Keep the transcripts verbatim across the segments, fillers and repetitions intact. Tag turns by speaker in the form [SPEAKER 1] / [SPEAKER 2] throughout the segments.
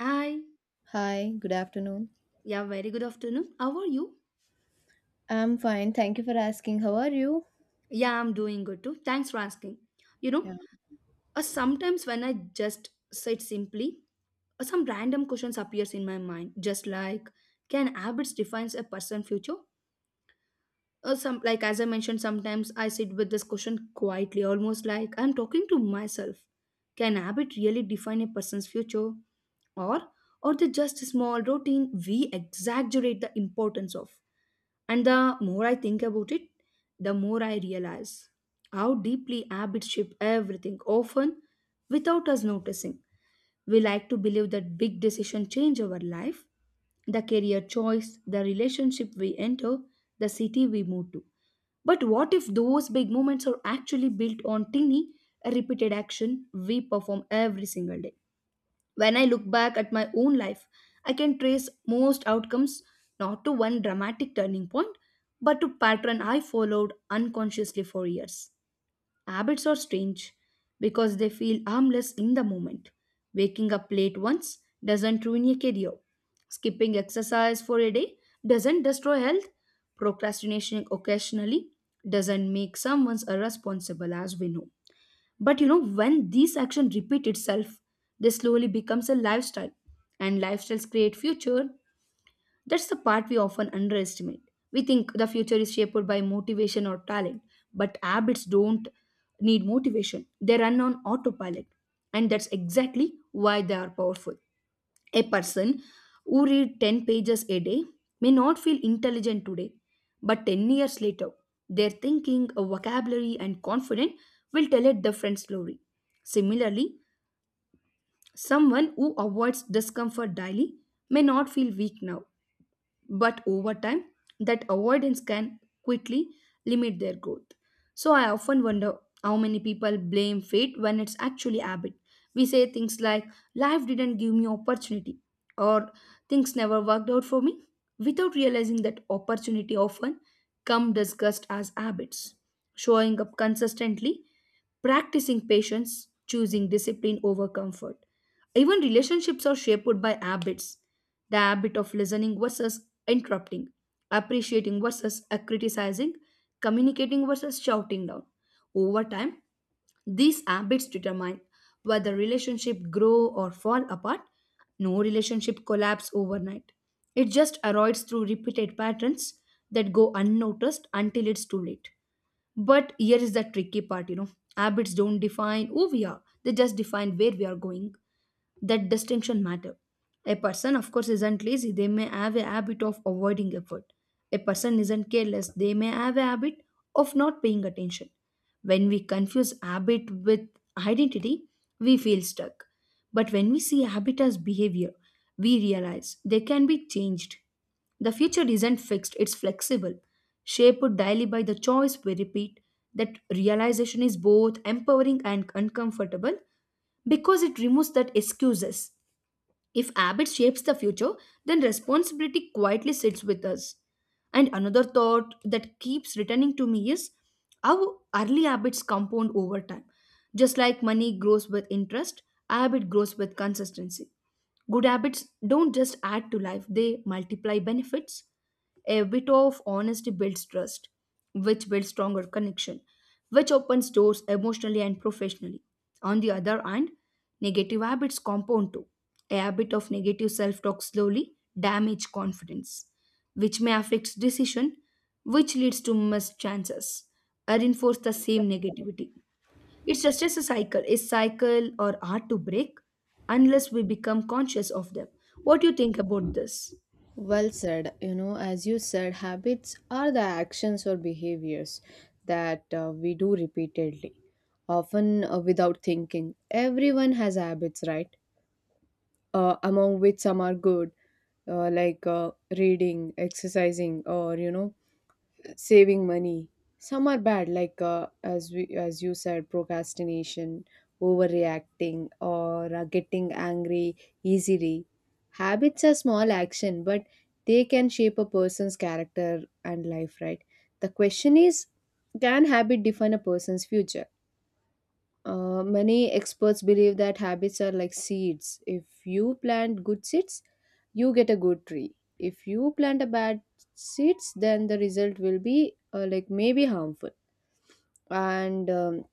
[SPEAKER 1] Hi.
[SPEAKER 2] Hi, good afternoon.
[SPEAKER 1] Yeah, very good afternoon. How are you?
[SPEAKER 2] I'm fine. Thank you for asking. How are you?
[SPEAKER 1] Yeah, I'm doing good too. Thanks for asking. You know,
[SPEAKER 2] Yeah.
[SPEAKER 1] uh, sometimes when I just sit simply, uh, some random questions appears in my mind, just like can habits defines a person's future? Or some like as I mentioned, sometimes I sit with this question quietly, almost like I'm talking to myself. Can habit really define a person's future, or or they just a small routine we exaggerate the importance of? And the more I think about it, the more I realize how deeply habits shape everything, often without us noticing. We like to believe that big decisions change our life, the career choice, the relationship we enter, the city we move to. But what if those big moments are actually built on tiny, repeated action we perform every single day? When I look back at my own life, I can trace most outcomes not to one dramatic turning point, but to pattern I followed unconsciously for years. Habits are strange because they feel harmless in the moment. Waking up late once doesn't ruin your career. Skipping exercise for a day doesn't destroy health. Procrastination occasionally doesn't make someone irresponsible as we know. But you know, when these actions repeat itself, they slowly becomes a lifestyle. And lifestyles create future. That's the part we often underestimate. We think the future is shaped by motivation or talent, but habits don't need motivation. They run on autopilot. And that's exactly why they are powerful. A person who read ten pages a day may not feel intelligent today, but ten years later, their thinking, vocabulary, and confidence will tell a different story. Similarly, someone who avoids discomfort daily may not feel weak now, but over time that avoidance can quickly limit their growth. So I often wonder how many people blame fate when it's actually habit. We say things like life didn't give me opportunity, or things never worked out for me, without realizing that opportunity often come discussed as habits, showing up consistently, practicing patience, choosing discipline over comfort. Even relationships are shaped by habits, the habit of listening versus interrupting, appreciating versus uh, criticizing, communicating versus shouting down. Over time, these habits determine whether relationship grow or fall apart. No relationship collapse overnight. It just erodes through repeated patterns that go unnoticed until it's too late. But here is the tricky part, you know. Habits don't define who we are. They just define where we are going. That distinction matter. A person of course isn't lazy, they may have a habit of avoiding effort. A person isn't careless, they may have a habit of not paying attention. When we confuse habit with identity, we feel stuck, but when we see habit as behavior, we realize they can be changed. The future isn't fixed, it's flexible, shaped daily by the choice we repeat. That realization is both empowering and uncomfortable, because it removes that excuses. If habit shapes the future, then responsibility quietly sits with us. And another thought that keeps returning to me is how early habits compound over time. Just like money grows with interest, habit grows with consistency. Good habits don't just add to life, they multiply benefits. A bit of honesty builds trust, which builds stronger connection, which opens doors emotionally and professionally. On the other hand, negative habits compound too. A habit of negative self talk slowly damages confidence, which may affect decision, which leads to missed chances, or reinforce the same negativity. It's just as a cycle. A cycle or hard to break unless we become conscious of them. What do you think about this?
[SPEAKER 2] Well said. You know, as you said, habits are the actions or behaviors that uh, we do repeatedly, often uh, without thinking. Everyone has habits, right? Uh, among which some are good, uh, like uh, reading, exercising, or, you know, saving money. Some are bad like, uh, as we as you said, procrastination, overreacting, or uh, getting angry easily. Habits are small action, but they can shape a person's character and life, right? The question is, can habit define a person's future? uh, many experts believe that habits are like seeds. If you plant good seeds, you get a good tree. If you plant a bad seeds, then the result will be, uh, like, maybe harmful. And um,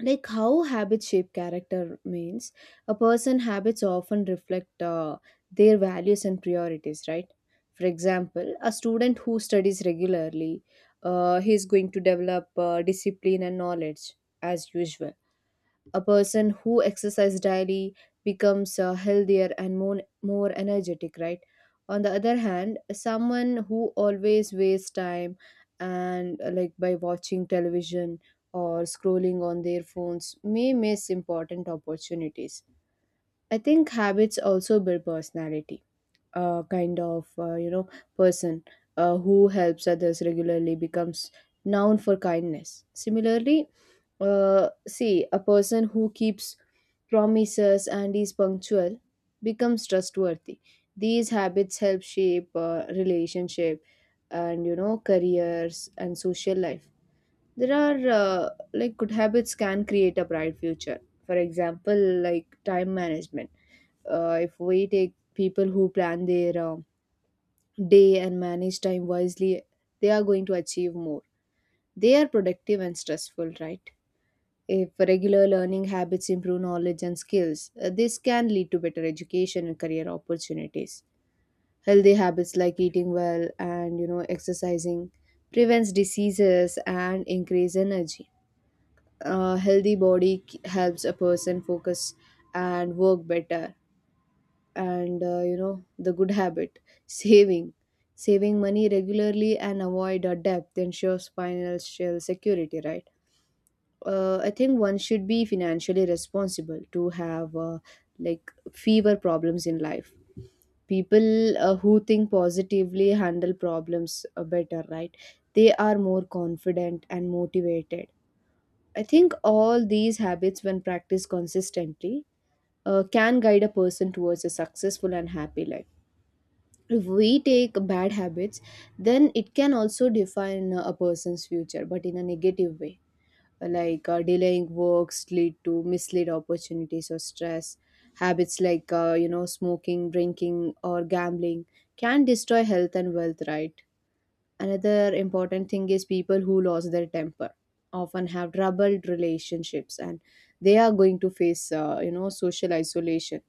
[SPEAKER 2] like, how habits shape character means a person habits often reflect uh, their values and priorities, right? For example, a student who studies regularly, uh, he is going to develop uh, discipline and knowledge. As usual, a person who exercises daily becomes uh, healthier and more, more energetic, right? On the other hand, someone who always wastes time and, uh, like, by watching television or scrolling on their phones, may miss important opportunities. I think habits also build personality, uh, kind of, uh, you know, person uh, who helps others regularly becomes known for kindness. Similarly, uh, see, a person who keeps promises and is punctual becomes trustworthy. These habits help shape uh, relationship and, you know, careers and social life. There are, uh, like, good habits can create a bright future. For example, like time management. Uh, if we take people who plan their um, day and manage time wisely, they are going to achieve more. They are productive and stressful, right? If regular learning habits improve knowledge and skills, uh, this can lead to better education and career opportunities. Healthy habits like eating well and, you know, exercising prevents diseases and increase energy. A healthy body k- helps a person focus and work better. And, uh, you know, the good habit, saving saving money regularly and avoid a debt, ensures financial security, right? uh, I think one should be financially responsible to have, uh, like, fewer problems in life. People, uh, who think positively handle problems uh, better, right? They are more confident and motivated. I think all these habits, when practiced consistently, uh, can guide a person towards a successful and happy life. If we take bad habits, then it can also define a person's future, but in a negative way. Like, uh, delaying works lead to mislead opportunities or stress. Habits like, uh, you know, smoking, drinking, or gambling can destroy health and wealth, right? Another important thing is, people who lose their temper often have troubled relationships, and they are going to face, uh, you know, social isolation.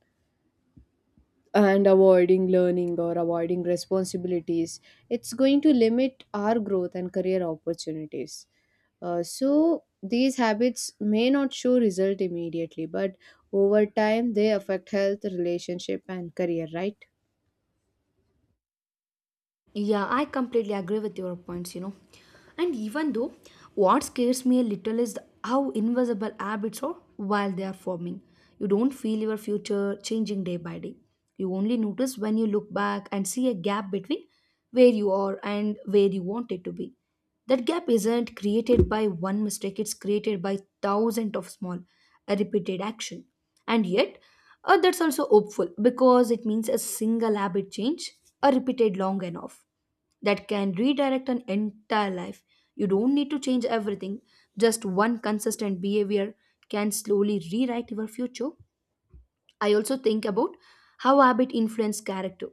[SPEAKER 2] And avoiding learning or avoiding responsibilities, it's going to limit our growth and career opportunities. Uh, so, these habits may not show result immediately, but over time they affect health, relationship, and career, right?
[SPEAKER 1] Yeah, I completely agree with your points, you know. And even though what scares me a little is how invisible habits are while they are forming. You don't feel your future changing day by day. You only notice when you look back and see a gap between where you are and where you want it to be. That gap isn't created by one mistake, it's created by thousands of small, uh, repeated action. And yet, uh, that's also hopeful because it means a single habit change, uh, repeated long enough, that can redirect an entire life. You don't need to change everything, just one consistent behavior can slowly rewrite your future. I also think about how habit influence character.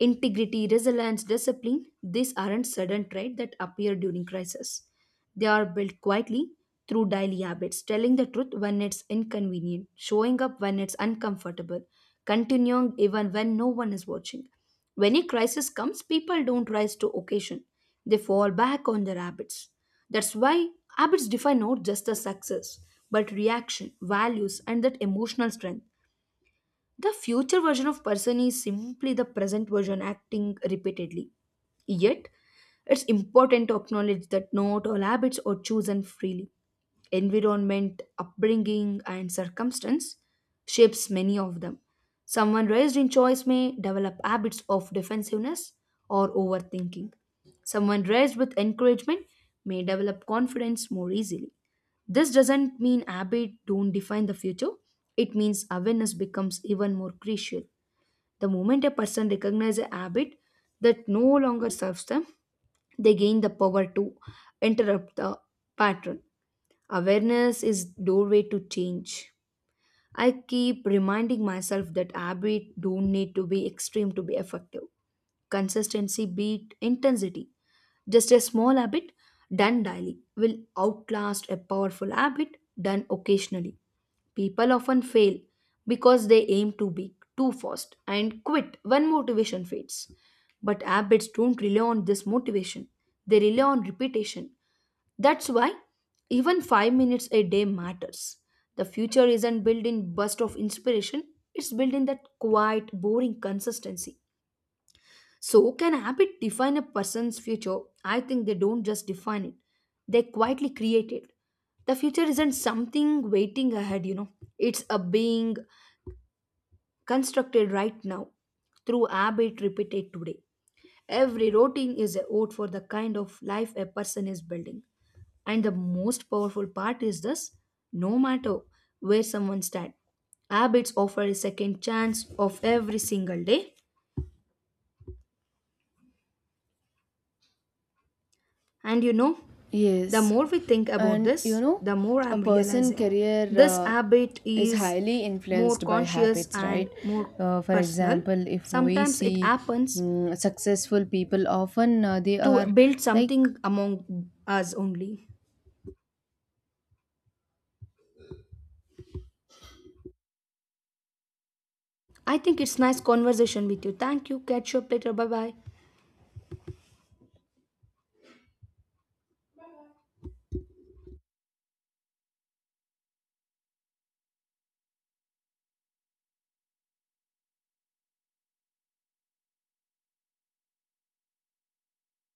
[SPEAKER 1] Integrity, resilience, discipline, these aren't sudden traits that appear during crisis. They are built quietly through daily habits, telling the truth when it's inconvenient, showing up when it's uncomfortable, continuing even when no one is watching. When a crisis comes, people don't rise to occasion. They fall back on their habits. That's why habits define not just the success, but reaction, values, and that emotional strength. The future version of person is simply the present version acting repeatedly. Yet, it's important to acknowledge that not all habits are chosen freely. Environment, upbringing, and circumstance shapes many of them. Someone raised in choice may develop habits of defensiveness or overthinking. Someone raised with encouragement may develop confidence more easily. This doesn't mean habit don't define the future. It means awareness becomes even more crucial. The moment a person recognizes a habit that no longer serves them, they gain the power to interrupt the pattern. Awareness is doorway to change. I keep reminding myself that habits don't need to be extreme to be effective. Consistency beat intensity. Just a small habit done daily will outlast a powerful habit done occasionally. People often fail because they aim too big, too fast, and quit when motivation fades. But habits don't rely on this motivation, they rely on repetition. That's why even five minutes a day matters. The future isn't built in burst of inspiration, it's built in that quiet, boring consistency. So, can habit define a person's future? I think they don't just define it, they quietly create it. The future isn't something waiting ahead, you know, it's a being constructed right now through habit repeated today. Every routine is a vote for the kind of life a person is building. And the most powerful part is this, no matter where someone stands, habits offer a second chance of every single day. And you know, the
[SPEAKER 2] Yes,
[SPEAKER 1] more we think about
[SPEAKER 2] and you
[SPEAKER 1] this,
[SPEAKER 2] know,
[SPEAKER 1] the more
[SPEAKER 2] a
[SPEAKER 1] I'm
[SPEAKER 2] person
[SPEAKER 1] realizing
[SPEAKER 2] career
[SPEAKER 1] this
[SPEAKER 2] uh,
[SPEAKER 1] habit
[SPEAKER 2] is
[SPEAKER 1] is
[SPEAKER 2] highly
[SPEAKER 1] more
[SPEAKER 2] influenced by
[SPEAKER 1] conscious
[SPEAKER 2] habits,
[SPEAKER 1] and
[SPEAKER 2] right?
[SPEAKER 1] more
[SPEAKER 2] Uh, for
[SPEAKER 1] personal.
[SPEAKER 2] example, if we
[SPEAKER 1] Sometimes it
[SPEAKER 2] see
[SPEAKER 1] happens
[SPEAKER 2] mm, successful people, often uh, they
[SPEAKER 1] to
[SPEAKER 2] are
[SPEAKER 1] build
[SPEAKER 2] like
[SPEAKER 1] something among us only. I think it's nice conversation with you. Thank you. Catch you up later. Bye bye.